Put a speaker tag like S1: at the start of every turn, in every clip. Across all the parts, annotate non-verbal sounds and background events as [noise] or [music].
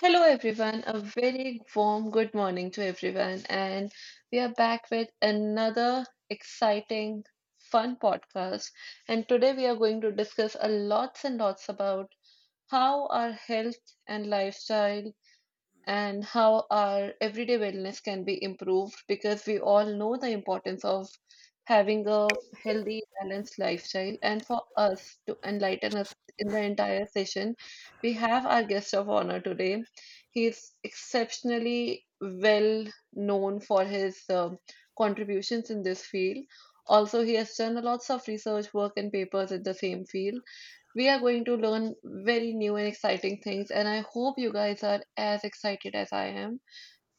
S1: Hello, everyone. A very warm good morning to everyone. And we are back with another exciting, fun podcast. And today we are going to discuss a lots and lots about how our health and lifestyle and how our everyday wellness can be improved, because we all know the importance of having a healthy, balanced lifestyle. And for us to enlighten us in the entire session, we have our guest of honor today. He's exceptionally well known for his contributions in this field. Also, he has done lots of research work and papers in the same field. We are going to learn very new and exciting things, and I hope you guys are as excited as I am.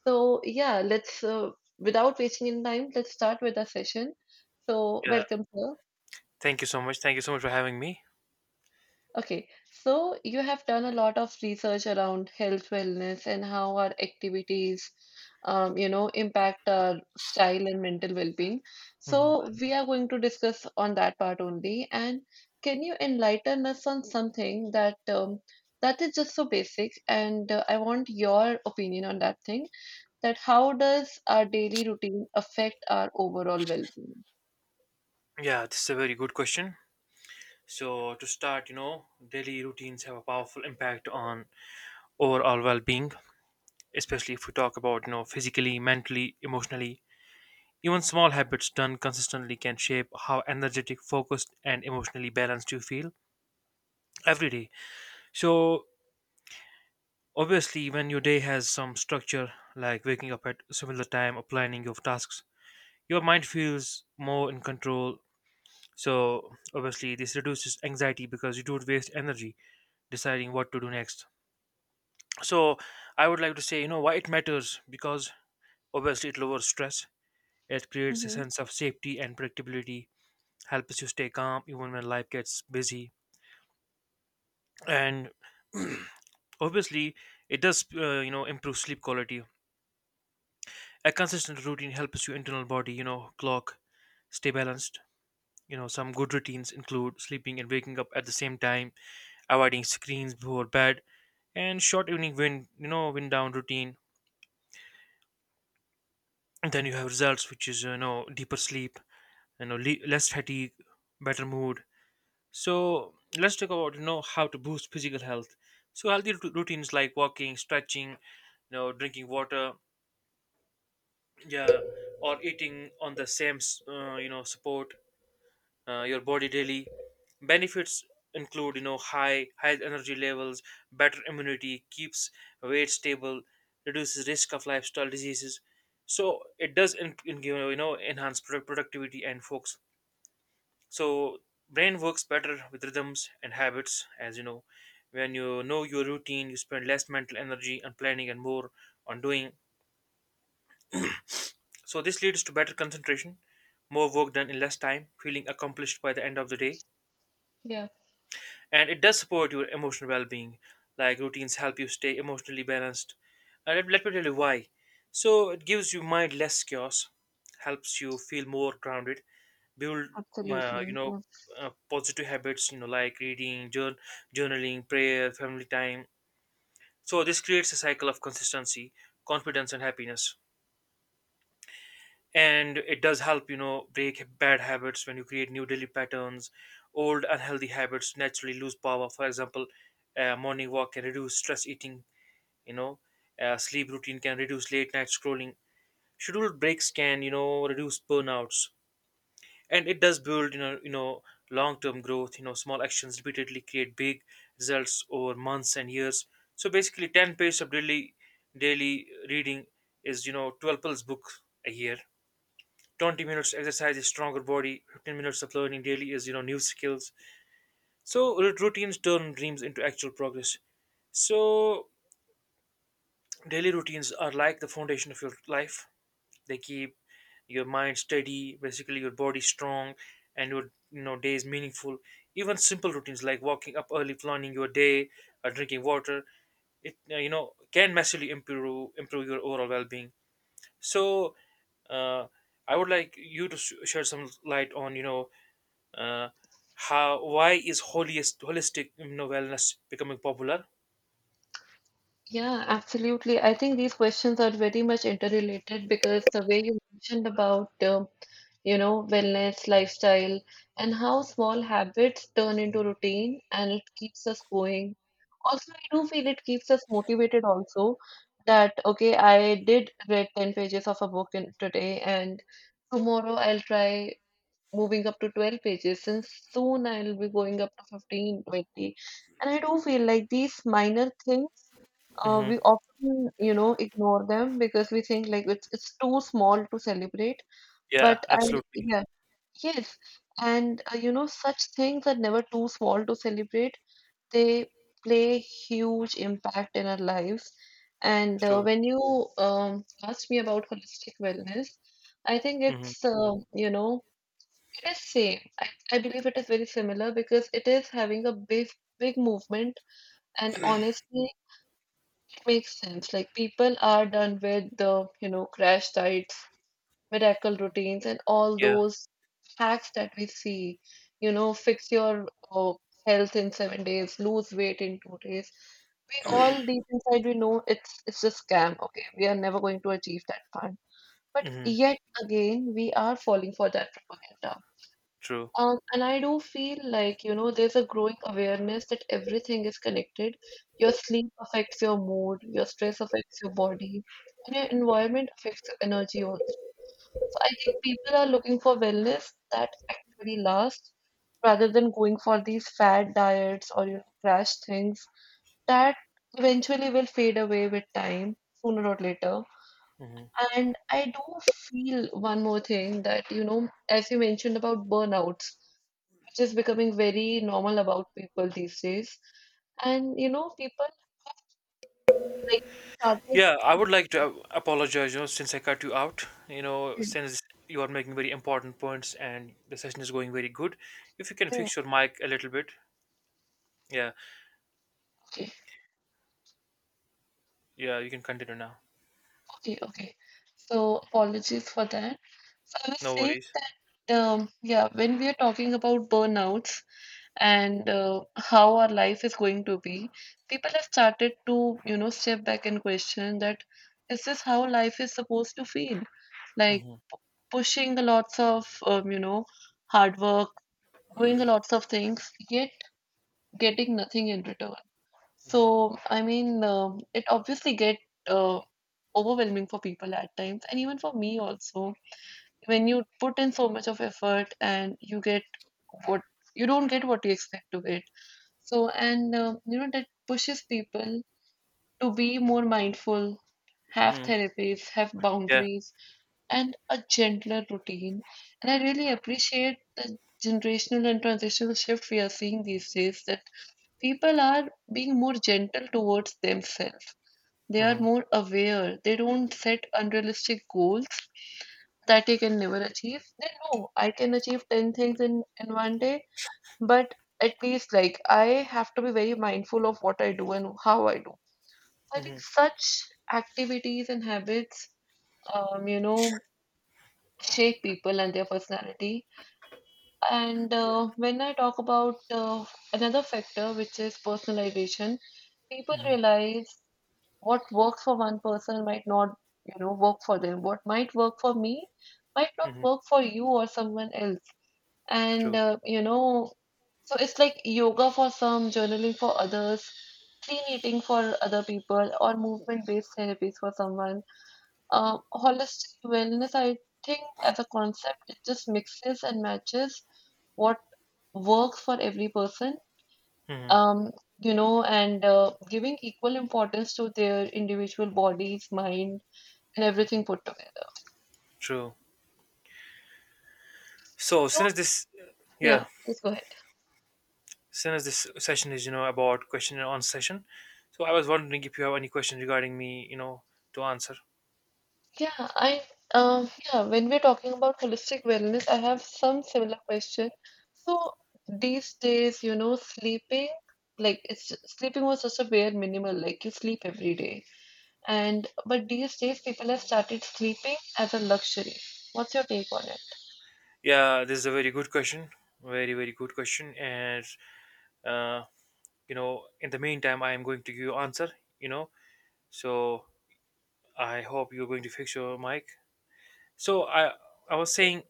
S1: So, yeah, let's without wasting in time, let's start with the session. So,
S2: Yeah,
S1: welcome, sir.
S2: thank you so much. Thank you so much for having me.
S1: Okay, so you have done a lot of research around health, wellness, and how our activities, impact our style and mental well-being.
S2: Hmm.
S1: So we are going to discuss on that part only. And can you enlighten us on something that that is just so basic? And I want your opinion on that thing. That how does our daily routine affect our overall well-being?
S2: Yeah, this is a very good question. So, to start, you know, daily routines have a powerful impact on overall well being, especially if we talk about, you know, physically, mentally, emotionally. Even small habits done consistently can shape how energetic, focused, and emotionally balanced you feel every day. So, obviously, when your day has some structure, like waking up at similar time or planning your tasks, your mind feels more in control. So obviously this reduces anxiety because you don't waste energy deciding what to do next. So I would like to say, you know, why it matters, because obviously it lowers stress, it creates a
S1: Mm-hmm.
S2: sense of safety and predictability, helps you stay calm even when life gets busy, and [clears throat] obviously it does, you know, improve sleep quality. A consistent routine helps your internal body, you know, clock, stay balanced. You know, some good routines include sleeping and waking up at the same time, avoiding screens before bed, and short evening wind wind down routine. And then you have results, which is, you know, deeper sleep, you know, less fatigue, better mood. So let's talk about, you know, how to boost physical health. So healthy routines like walking, stretching, you know, drinking water, yeah, or eating on the same you know, support your body daily. Benefits include, you know, high energy levels, better immunity, keeps weight stable, reduces risk of lifestyle diseases. So it does you know, enhance productivity and focus. So brain works better with rhythms and habits, as you know. When you know your routine, you spend less mental energy on planning and more on doing. So this leads to better concentration, more work done in less time, feeling accomplished by the end of the day,
S1: Yeah,
S2: and it does support your emotional well-being, like routines help you stay emotionally balanced. And let me tell you why. So it gives you mind less chaos, helps you feel more grounded, build you
S1: absolutely.
S2: know, positive habits, you know, like reading, journaling, prayer, family time. So this creates a cycle of consistency, confidence and happiness. And it does help, you know, break bad habits. When you create new daily patterns, old unhealthy habits naturally lose power. For example, morning walk can reduce stress eating, you know, sleep routine can reduce late night scrolling, scheduled breaks can, you know, reduce burnouts. And it does build, you know, long term growth. You know, small actions repeatedly create big results over months and years. So basically 10 pages of daily reading is, you know, 12 pills book a year. 20 minutes exercise is stronger body. 15 minutes of learning daily is, you know, new skills. So routines turn dreams into actual progress. So daily routines are like the foundation of your life. They keep your mind steady, basically, your body strong, and your, you know, days meaningful. Even simple routines like walking up early, planning your day, or drinking water, it you know, can massively improve your overall well-being. So, uh, I would like you to shed some light on, you know, uh, how, why is holiest holistic, you know, wellness becoming popular?
S1: Yeah, absolutely. I think these questions are very much interrelated, because the way you mentioned about, you know, wellness, lifestyle, and how small habits turn into routine and it keeps us going. Also, I do feel it keeps us motivated also, that, okay, I did read 10 pages of a book in today and tomorrow I'll try moving up to 12 pages and soon I'll be going up to 15, 20. And I do feel like these minor things,
S2: Hmm.
S1: we often, you know, ignore them because we think like it's too small to celebrate.
S2: Yeah,
S1: But I,
S2: absolutely
S1: yeah, yes. And you know, such things are never too small to celebrate. They play huge impact in our lives. And
S2: true.
S1: when you asked me about holistic wellness, I think
S2: Hmm.
S1: it's it is same. I believe it is very similar, because it is having a big movement, and honestly it makes sense. Like people are done with the, you know, crash diets, miracle routines and all
S2: Yeah.
S1: those hacks that we see. You know, fix your health in 7 days, lose weight in 2 days. We all deep inside we know it's a scam. Okay, we are never going to achieve that part. But
S2: Hmm.
S1: yet again, we are falling for that propaganda.
S2: True.
S1: And I do feel like, you know, there's a growing awareness that everything is connected. Your sleep affects your mood, your stress affects your body, and your environment affects your energy also. So I think people are looking for wellness that actually lasts, rather than going for these fad diets or, you know, crash things that eventually will fade away with time, sooner or later. And I do feel one more thing, that, you know, as you mentioned about burnouts, which is becoming very normal about people these days. And you know, people like started to
S2: Yeah, I would like to, apologize, you know, since I cut you out, you know, since you are making very important points and the session is going very good. If you can
S1: yeah,
S2: fix your mic a little bit, yeah,
S1: okay,
S2: yeah, you can continue now.
S1: okay, okay. So apologies for that. So I was
S2: No
S1: saying
S2: worries.
S1: that yeah, when we are talking about burnouts and how our life is going to be, people have started to you know step back and question that, is this how life is supposed to feel? Like
S2: Hmm.
S1: p- pushing a lots of hard work, doing a lots of things, yet getting nothing in return. So, I mean, it obviously get uh, overwhelming for people at times, and even for me also. When you put in so much of effort and you get what you don't get what you expect to get. So, and you know that pushes people to be more mindful, have
S2: Hmm.
S1: therapies, have
S2: Yeah.
S1: boundaries, and a gentler routine. And I really appreciate the generational and transitional shift we are seeing these days, that people are being more gentle towards themselves. They are
S2: Hmm.
S1: more aware. They don't set unrealistic goals that they can never achieve. They know I can achieve 10 things in one day, but at least like I have to be very mindful of what I do and how I do. I think
S2: Hmm.
S1: such activities and habits, you know, shape people and their personality. And when I talk about another factor, which is personalization, people realize what works for one person might not you know work for them. What might work for me might not
S2: Hmm.
S1: work for you or someone else. And
S2: True.
S1: you know, so it's like yoga for some, journaling for others, clean eating for other people, or movement based therapies for someone. Holistic wellness, I think as a concept, it just mixes and matches what works for every person,
S2: Hmm.
S1: um, you know, and giving equal importance to their individual bodies, mind, and everything put together.
S2: True. So,
S1: So, yeah,
S2: yeah,
S1: please go ahead.
S2: soon as this session is, you know, about question and answer session, so I was wondering if you have any question regarding me, you know, to answer.
S1: Yeah, I, yeah, when we're talking about holistic wellness, I have some similar question. So these days, you know, sleeping, like it's sleeping was just a bare minimal, like you sleep every day. And but these days, people have started sleeping as a luxury. What's your take on it?
S2: Yeah, this is a very good question, very good question, and uh, you know, in the meantime, I am going to give you answer. You know, so I hope you're going to fix your mic. So I was saying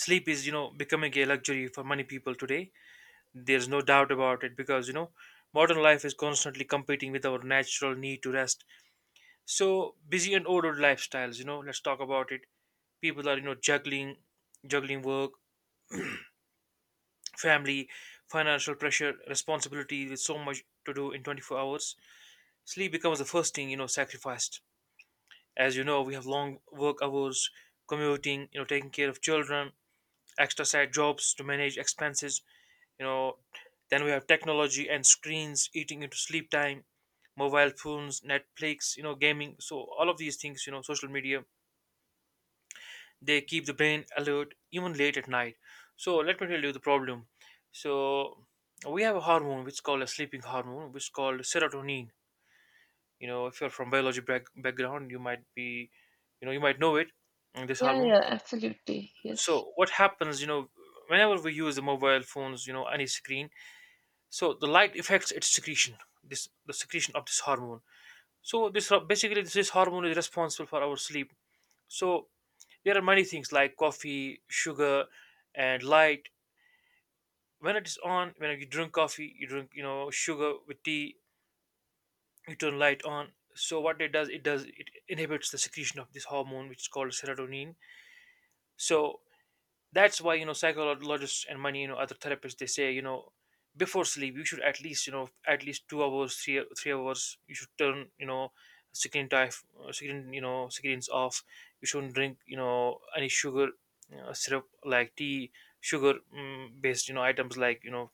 S2: sleep is, you know, becoming a luxury for many people today. There's no doubt about it, because, you know, modern life is constantly competing with our natural need to rest. So busy and ordered lifestyles. You know, let's talk about it. People are, you know, juggling work, family, financial pressure, responsibility. With so much to do in 24 hours, sleep becomes the first thing, you know, sacrificed. As you know, we have long work hours, commuting, you know, taking care of children, extra side jobs to manage expenses, you know. Then we have technology and screens eating into sleep time, mobile phones, Netflix, you know, gaming. So all of these things, you know, social media, they keep the brain alert even late at night. So let me tell you the problem. So we have a hormone which is called a sleeping hormone, which is called serotonin. You know, if you're from biology background, you might be, you know, you might know it. This
S1: Yeah,
S2: hormone,
S1: yeah, absolutely. Yes,
S2: so what happens, you know, whenever we use the mobile phones, you know, any screen, so the light affects its secretion, this the secretion of this hormone. So this basically, this hormone is responsible for our sleep. So there are many things like coffee, sugar, and light. When it is on, when you drink coffee, you drink, you know, sugar with tea, you turn light on, so what it does, it inhibits the secretion of this hormone, which is called serotonin. So that's why, you know, psychologists and many, you know, other therapists, they say, you know, before sleep you should at least, you know, at least 2 hours, three hours, you should turn, you know, screen time, screen you know, screens off. You shouldn't drink, you know, any sugar, syrup like tea, sugar, based, you know, items like, you know,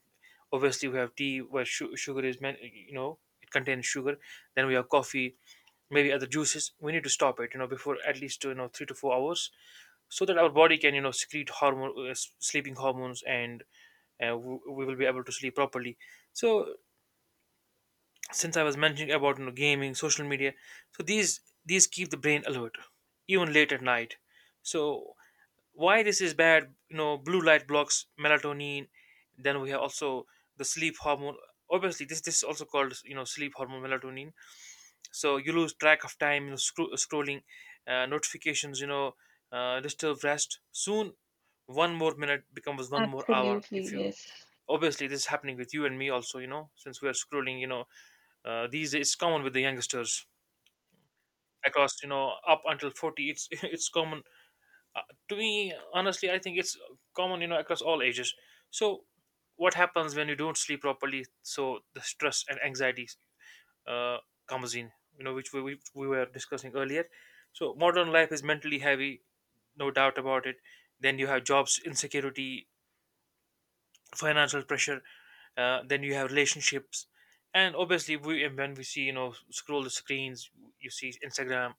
S2: obviously we have tea where sugar is meant, you know, it contains sugar, then we have coffee, maybe other juices. We need to stop it, you know, before at least, you know, 3 to 4 hours, so that our body can, you know, secrete hormone, sleeping hormones, and we will be able to sleep properly. So since I was mentioning about, you know, gaming, social media, so these keep the brain alert even late at night. So why this is bad, you know, blue light blocks melatonin. Then we have also the sleep hormone. Obviously this is also called, you know, sleep hormone, melatonin. So you lose track of time, you know, scrolling, notifications, you know, disturb rest. Soon one more minute becomes one more hour.
S1: absolutely.
S2: If you,
S1: Yes.
S2: obviously this is happening with you and me also, you know, since we are scrolling, you know, these days, it's common with the youngsters. Across, you know, up until 40, it's [laughs] it's common. uh, to me, honestly, I think it's common, you know, across all ages. So what happens when you don't sleep properly? So the stress and anxiety, uh, Kamazin, you know, which we were discussing earlier. So modern life is mentally heavy, no doubt about it. Then you have jobs insecurity, financial pressure. Then you have relationships, and obviously, we and when we see, you know, scroll the screens, you see Instagram,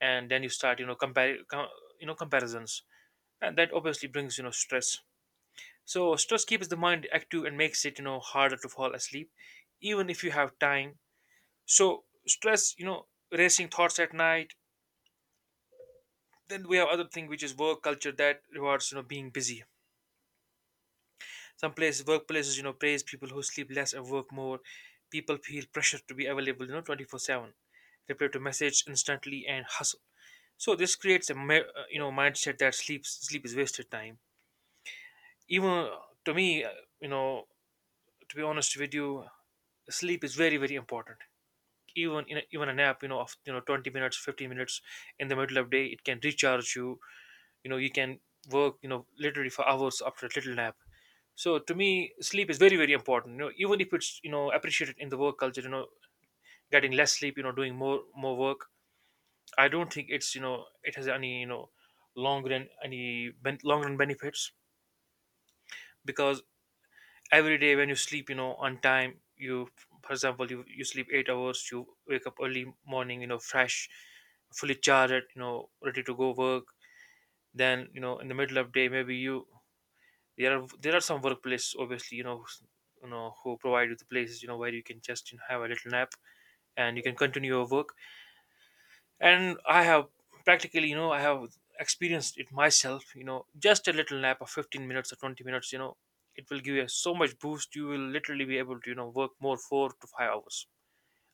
S2: and then you start, you know, you know, comparisons, and that obviously brings, you know, stress. So stress keeps the mind active and makes it harder to fall asleep, even if you have time. So stress, racing thoughts at night. Then we have other thing which is work culture that rewards being busy. Some places workplaces praise people who sleep less and work more. People feel pressure to be available 24/7, reply to message instantly and hustle. So this creates a mindset that sleep is wasted time. Even uh, to me uh, you know to be honest with you, sleep is very very important, even in a nap of 20 minutes, 15 minutes in the middle of day. It can recharge you. You know You can work literally for hours after a little nap. So to me sleep is very very important. Even if it's appreciated in the work culture, getting less sleep, doing more work, I don't think it's it has any long run benefits. Because every day when you sleep on time, you, for example, you sleep 8 hours, you wake up early morning, fresh, fully charged, ready to go work. Then in the middle of day, maybe you, there are some workplaces obviously, you know, who provide you the places where you can just have a little nap, and you can continue your work. And I have practically, I have experienced it myself. Just a little nap of 15 minutes or 20 minutes, it will give you so much boost. You will literally be able to work more 4 to 5 hours.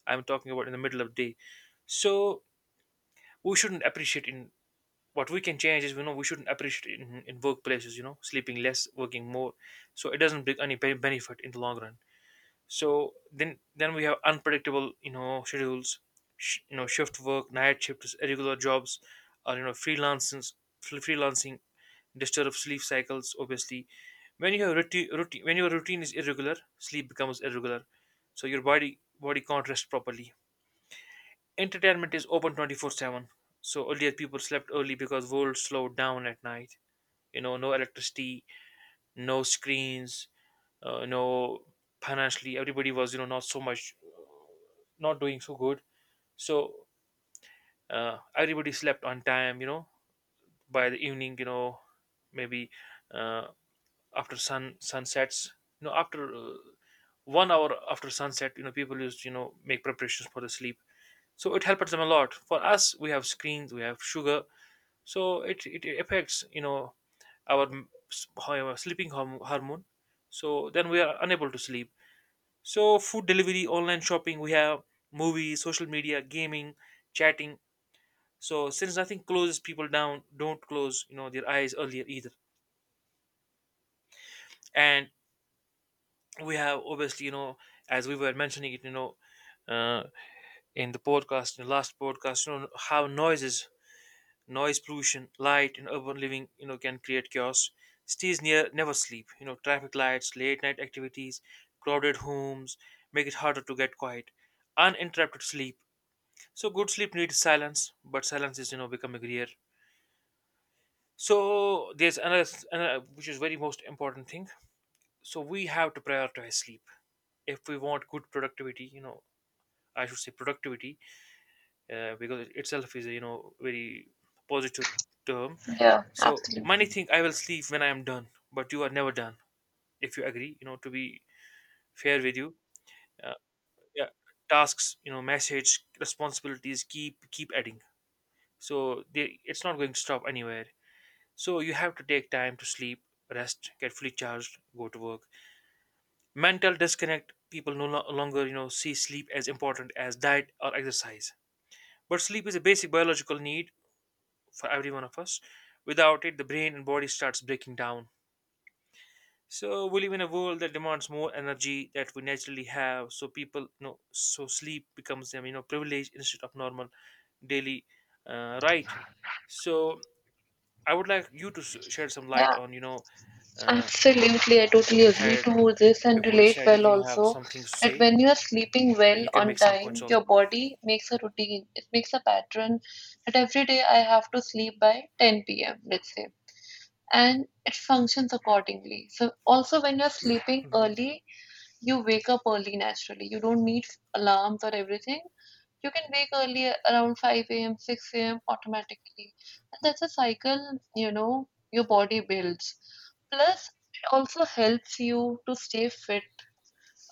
S2: I'm talking about in the middle of day. So we shouldn't appreciate in, what we can change is, we shouldn't appreciate in workplaces sleeping less, working more. So it doesn't bring any benefit in the long run. So then we have unpredictable schedules, shift work, night shifts, irregular jobs, or freelancing. Freelancing disturb sleep cycles obviously. When you have routine, when your routine is irregular, sleep becomes irregular. So your body can't rest properly. Entertainment is open 24/7. So earlier people slept early because world slowed down at night. No electricity, no screens, no, financially everybody was not so much, not doing so good. So everybody slept on time. By the evening, maybe, uh, after sunsets. After 1 hour after sunset, people used to, make preparations for the sleep. So it helps them a lot. For us, we have screens, we have sugar, so it affects our our sleeping hormone. So then we are unable to sleep. So food delivery, online shopping, we have movies, social media, gaming, chatting. So since nothing closes people down, don't close, their eyes earlier either. And we have obviously, as we were mentioning it, uh, in the podcast, in the last podcast, how noises, noise pollution, light, and urban living, can create chaos. Stays near, never sleep. You know, traffic lights, late night activities, crowded homes make it harder to get quiet. Uninterrupted sleep. So good sleep needs silence, but silence is becoming rare. So there's another which is very most important thing. So we have to prioritize sleep if we want good productivity. I should say productivity, because it itself is you know very positive term.
S1: Yeah,
S2: So many
S1: absolutely.
S2: think I will sleep when I am done, but you are never done. If you agree, to be fair with you, uh, yeah, tasks, message, responsibilities keep adding. So they, it's not going to stop anywhere. So you have to take time to sleep, rest, get fully charged, go to work. Mental disconnect. People no longer, see sleep as important as diet or exercise. But sleep is a basic biological need for every one of us. Without it, the brain and body starts breaking down. So we live in a world that demands more energy that we naturally have. So people, so sleep becomes them, privilege instead of normal daily, right. So I would like you to shed some
S1: Yeah,
S2: light on, uh,
S1: absolutely. I totally
S2: you
S1: agree
S2: had,
S1: to this and
S2: before you
S1: relate
S2: said
S1: well
S2: you have
S1: also,
S2: some things to
S1: that
S2: say
S1: when you are sleeping
S2: and
S1: well
S2: you can
S1: on
S2: make some points
S1: time,
S2: also.
S1: your body makes a routine. It makes a pattern that every day I have to sleep by 10 p.m., let's say, and it functions accordingly. So also when you're sleeping
S2: Hmm.
S1: early, you wake up early naturally. You don't need alarms or everything. You can wake early around 5 a.m., 6 a.m. automatically. And that's a cycle, you know, your body builds. Plus, it also helps you to stay fit,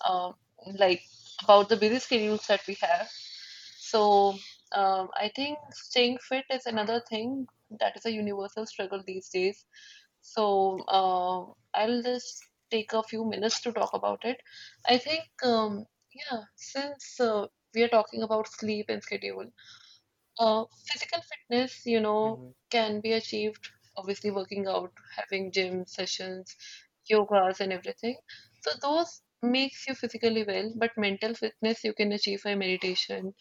S1: um, like about the busy schedules that we have. So, I think staying fit is another thing that is a universal struggle these days. So, I'll just take a few minutes to talk about it. I think, yeah, since we are talking about sleep and schedule, physical fitness, you know,
S2: Hmm.
S1: can be achieved obviously working out, having gym sessions, yogas, and everything. So those makes you physically well, but mental fitness you can achieve by meditation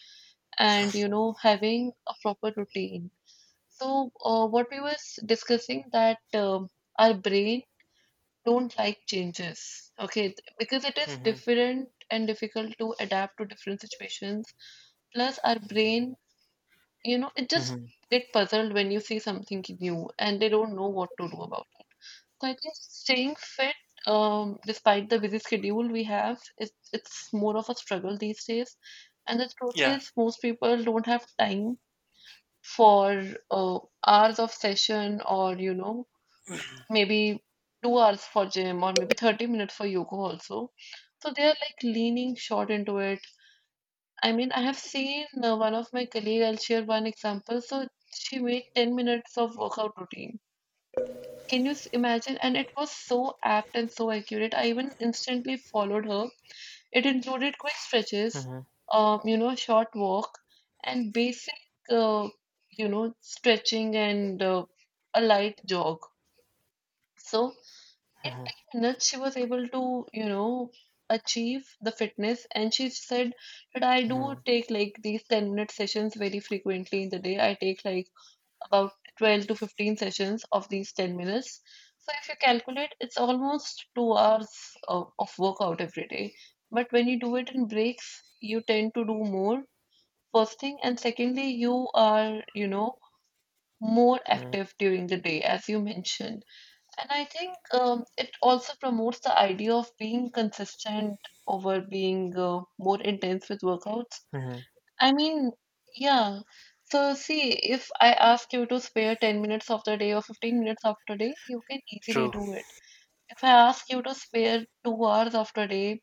S1: and you know having a proper routine. So what we were discussing that our brain don't like changes, okay, because it is
S2: Hmm.
S1: different and difficult to adapt to different situations. Plus, our brain you know, it just
S2: Hmm.
S1: get puzzled when you see something new and they don't know what to do about it. So I think staying fit, despite the busy schedule we have, it's more of a struggle these days. And the truth
S2: Yeah.
S1: is, most people don't have time for uh, hours of session, or you know maybe 2 hours for gym or maybe 30 minutes for yoga also. So they are like leaning short into it. I mean, I have seen one of my colleague. I'll share one example. So she made 10 minutes of workout routine. Can you imagine? And it was so apt and so accurate. I even instantly followed her. It included quick stretches,
S2: Hmm.
S1: you know, a short walk, and basic, uh, you know, stretching and a light jog. So in
S2: Hmm.
S1: 10 minutes she was able to you know achieve the fitness, and she said that I do
S2: Hmm.
S1: take like these 10-minute sessions very frequently in the day. I take like about 12 to 15 sessions of these 10 minutes, so if you calculate it's almost 2 hours of workout every day. But when you do it in breaks, you tend to do more first thing, and secondly you are you know more active during the day, as you mentioned. And I think it also promotes the idea of being consistent over being more intense with workouts.
S2: Hmm.
S1: I mean, yeah. So, see, if I ask you to spare 10 minutes of the day or 15 minutes of the day, you can easily
S2: True.
S1: do it. If I ask you to spare 2 hours of the day,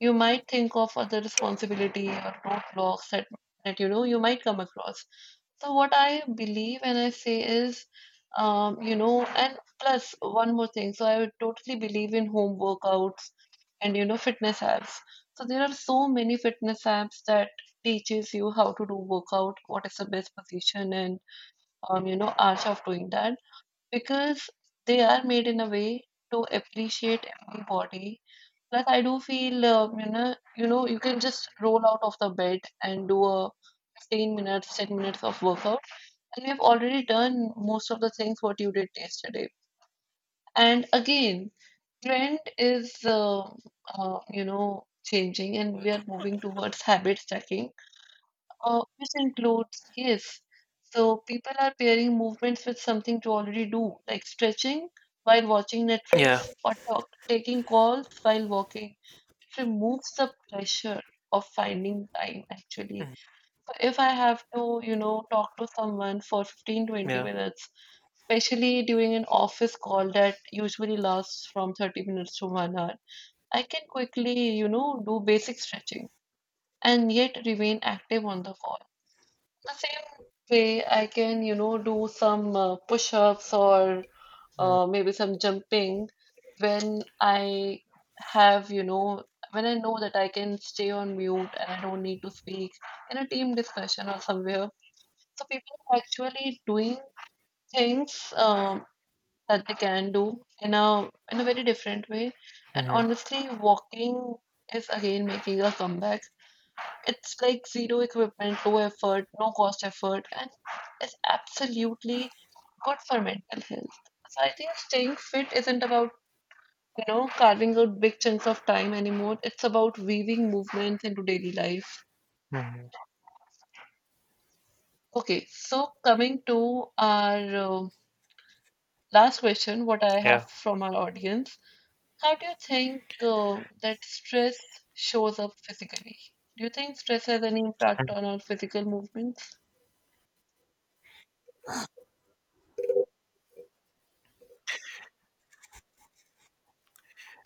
S1: you might think of other responsibility or roadblocks that, that you know you might come across. So what I believe and I say is, you know, and plus one more thing. So I would totally believe in home workouts and you know fitness apps. So there are so many fitness apps that teaches you how to do workout, what is the best position, and you know, arch of doing that, because they are made in a way to appreciate every body. Plus, I do feel, you know, you can just roll out of the bed and do a 15 minutes, 10 minutes of workout, and we have already done most of the things what you did yesterday. And again, trend is changing, and we are moving towards habit stacking, which includes yes. So people are pairing movements with something to already do, like stretching while watching
S2: Yeah.
S1: Netflix or taking calls while walking. It removes the pressure of finding time actually. So if I have to, talk to someone for fifteen twenty
S2: Yeah.
S1: minutes, especially during an office call that usually lasts from 30 minutes to 1 hour, I can quickly, do basic stretching and yet remain active on the call. The same way I can, do some push-ups or
S2: Hmm.
S1: maybe some jumping when I have, you know, when I know that I can stay on mute and I don't need to speak in a team discussion or somewhere. So people are actually doing things that they can do in a very different way. And
S2: Hmm.
S1: honestly, walking is again making a comeback. It's like zero equipment, low effort, no cost effort, and it's absolutely good for mental health. So I think staying fit isn't about carving out big chunks of time anymore. It's about weaving movements into daily life. Okay, so coming to our last question, what I have
S2: Yeah.
S1: from our audience. How do you think that stress shows up physically? Do you think stress has any impact on our physical movements?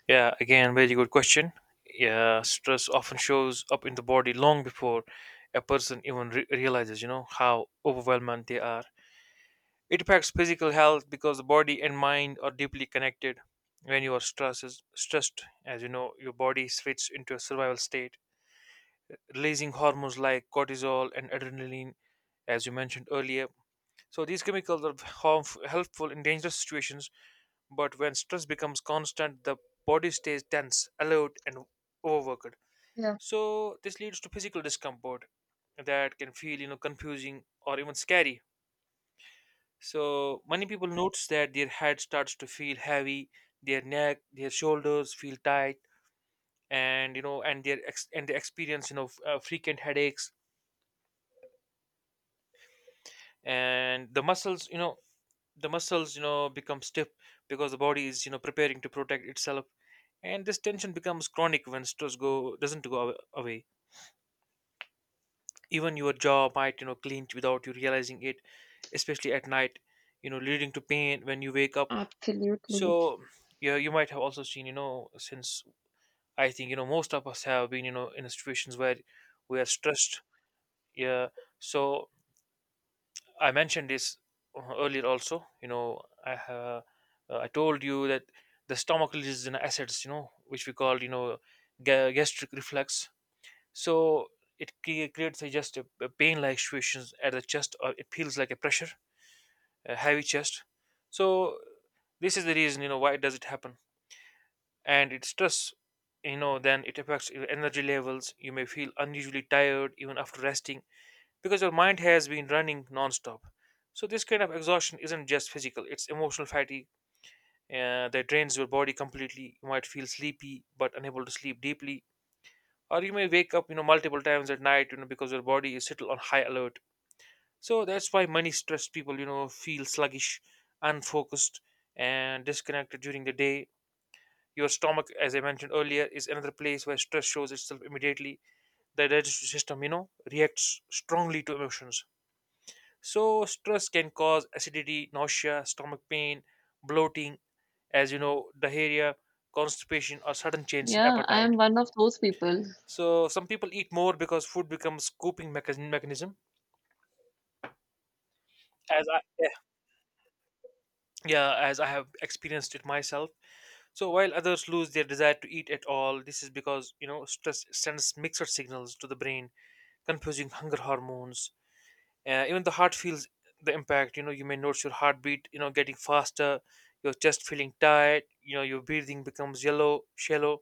S2: Yeah, again, very good question. Yeah, stress often shows up in the body long before a person even realizes how overwhelmed they are. It affects physical health because the body and mind are deeply connected. When you are stressed, as you know, your body switches into a survival state, releasing hormones like cortisol and adrenaline, as you mentioned earlier. So these chemicals are helpful in dangerous situations, but when stress becomes constant, the body stays tense, alert, and overworked.
S1: Yeah,
S2: So this leads to physical discomfort that can feel, confusing or even scary. So many people notice that their head starts to feel heavy, their neck, their shoulders feel tight, and and they experience frequent headaches, and the muscles, the muscles become stiff because the body is preparing to protect itself, and this tension becomes chronic when stress go doesn't go away. Even your jaw might clench without you realizing it, especially at night, leading to pain when you wake up.
S1: absolutely.
S2: So yeah, you might have also seen, since I think most of us have been in situations where we are stressed. Yeah. So I mentioned this earlier also. You know, I told you that the stomach releases an acids. You know, which we call gastric reflex. So it creates a just a pain-like situations at the chest, or it feels like a pressure, a heavy chest. So this is the reason why does it happen, and it's stress. Then it affects your energy levels. You may feel unusually tired even after resting because your mind has been running non-stop. So this kind of exhaustion isn't just physical, it's emotional fatigue, that drains your body completely. You might feel sleepy but unable to sleep deeply, or you may wake up multiple times at night, because your body is still on high alert. So that's why many stressed people feel sluggish, unfocused, and disconnected during the day. Your stomach, as I mentioned earlier, is another place where stress shows itself immediately. The digestive system, reacts strongly to emotions. So stress can cause acidity, nausea, stomach pain, bloating, as you know, diarrhea, constipation, or sudden change in
S1: Yeah, I
S2: appetite.
S1: am one of those people.
S2: So some people eat more because food becomes coping mechan- mechanism. As I, yeah, yeah, as I have experienced it myself. So while others lose their desire to eat at all, this is because stress sends mixed signals to the brain, confusing hunger hormones. Even the heart feels the impact. You know, you may notice your heartbeat, getting faster, your chest feeling tight, your breathing becomes yellow, shallow.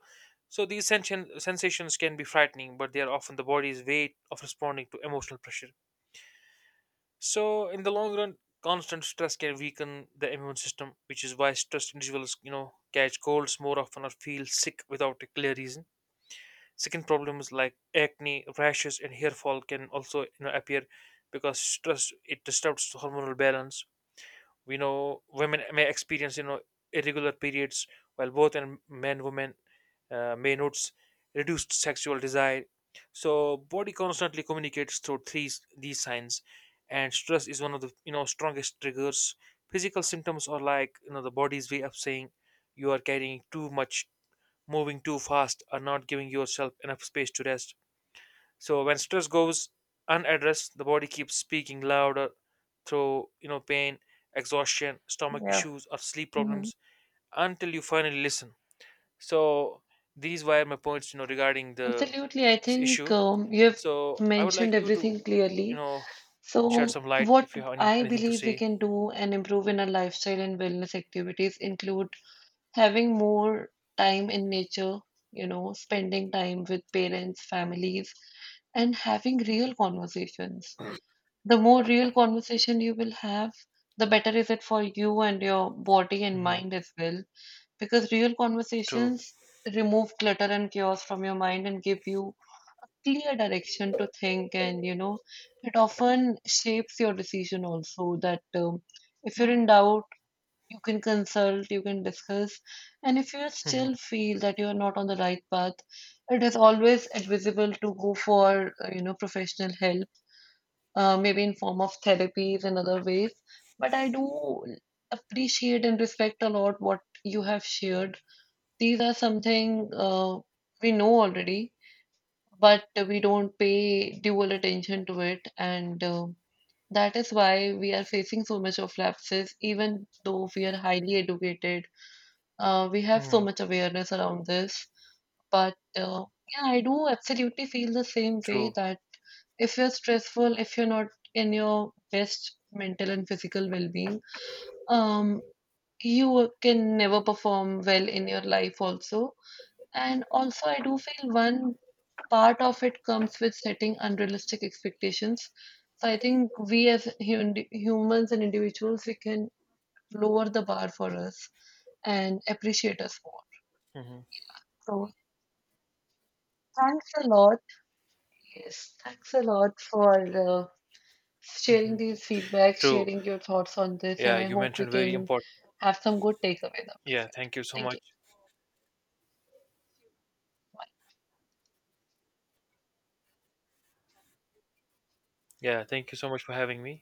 S2: So these sensations can be frightening, but they are often the body's way of responding to emotional pressure. So in the long run, constant stress can weaken the immune system, which is why stressed individuals, catch colds more often or feel sick without a clear reason. Skin problems like acne, rashes, and hair fall can also appear because stress it disturbs hormonal balance. We know women may experience irregular periods, while both and men women, may notice reduced sexual desire. So body constantly communicates through three these signs, and stress is one of the strongest triggers. Physical symptoms are like the body's way of saying you are carrying too much, moving too fast, or not giving yourself enough space to rest. So when stress goes unaddressed, the body keeps speaking louder through pain, exhaustion, stomach
S1: Yeah.
S2: issues, or sleep
S1: Mhm.
S2: problems until you finally listen. So these were my points, regarding the
S1: Absolutely. I
S2: this
S1: think
S2: issue.
S1: you have
S2: So I would like
S1: mentioned
S2: you to,
S1: everything
S2: you
S1: clearly.
S2: know, shed
S1: So,
S2: some light
S1: what
S2: if you have
S1: I
S2: anything to
S1: believe we
S2: say.
S1: can do and improve in our lifestyle and wellness activities include having more time in nature, you know, spending time with parents, families, and having real conversations. The more real conversation you will have, the better is it for you and your body and
S2: Hmm.
S1: mind as well. Because real
S2: True.
S1: conversations remove clutter and chaos from your mind and give you a clear direction to think, and it often shapes your decision also. That if you're in doubt, you can consult, you can discuss. And if you still
S2: Hmm.
S1: feel that you are not on the right path, it is always advisable to go for, professional help, maybe in form of therapies and other ways. But I do appreciate and respect a lot what you have shared. These are something we know already, but we don't pay dual attention to it. And that is why we are facing so much of lapses, even though we are highly educated, we have so
S2: Hmm.
S1: much awareness around this, but yeah, I do absolutely feel the same way
S2: True.
S1: that if you're stressful, if you're not in your best mental and physical well-being, um, you can never perform well in your life also. And also, I do feel one part of it comes with setting unrealistic expectations. So I think we as humans and individuals, we can lower the bar for us and appreciate us more.
S2: Hmm.
S1: So thanks a lot. Yes, thanks a lot for uh,
S2: Hmm.
S1: sharing these feedback,
S2: True.
S1: sharing your thoughts on this,
S2: Yeah,
S1: and I
S2: you
S1: hope we
S2: mentioned very
S1: can
S2: important.
S1: have some good takeaways out of
S2: Yeah,
S1: it.
S2: thank you so
S1: Thank
S2: much.
S1: you.
S2: Yeah, thank you so much for having me.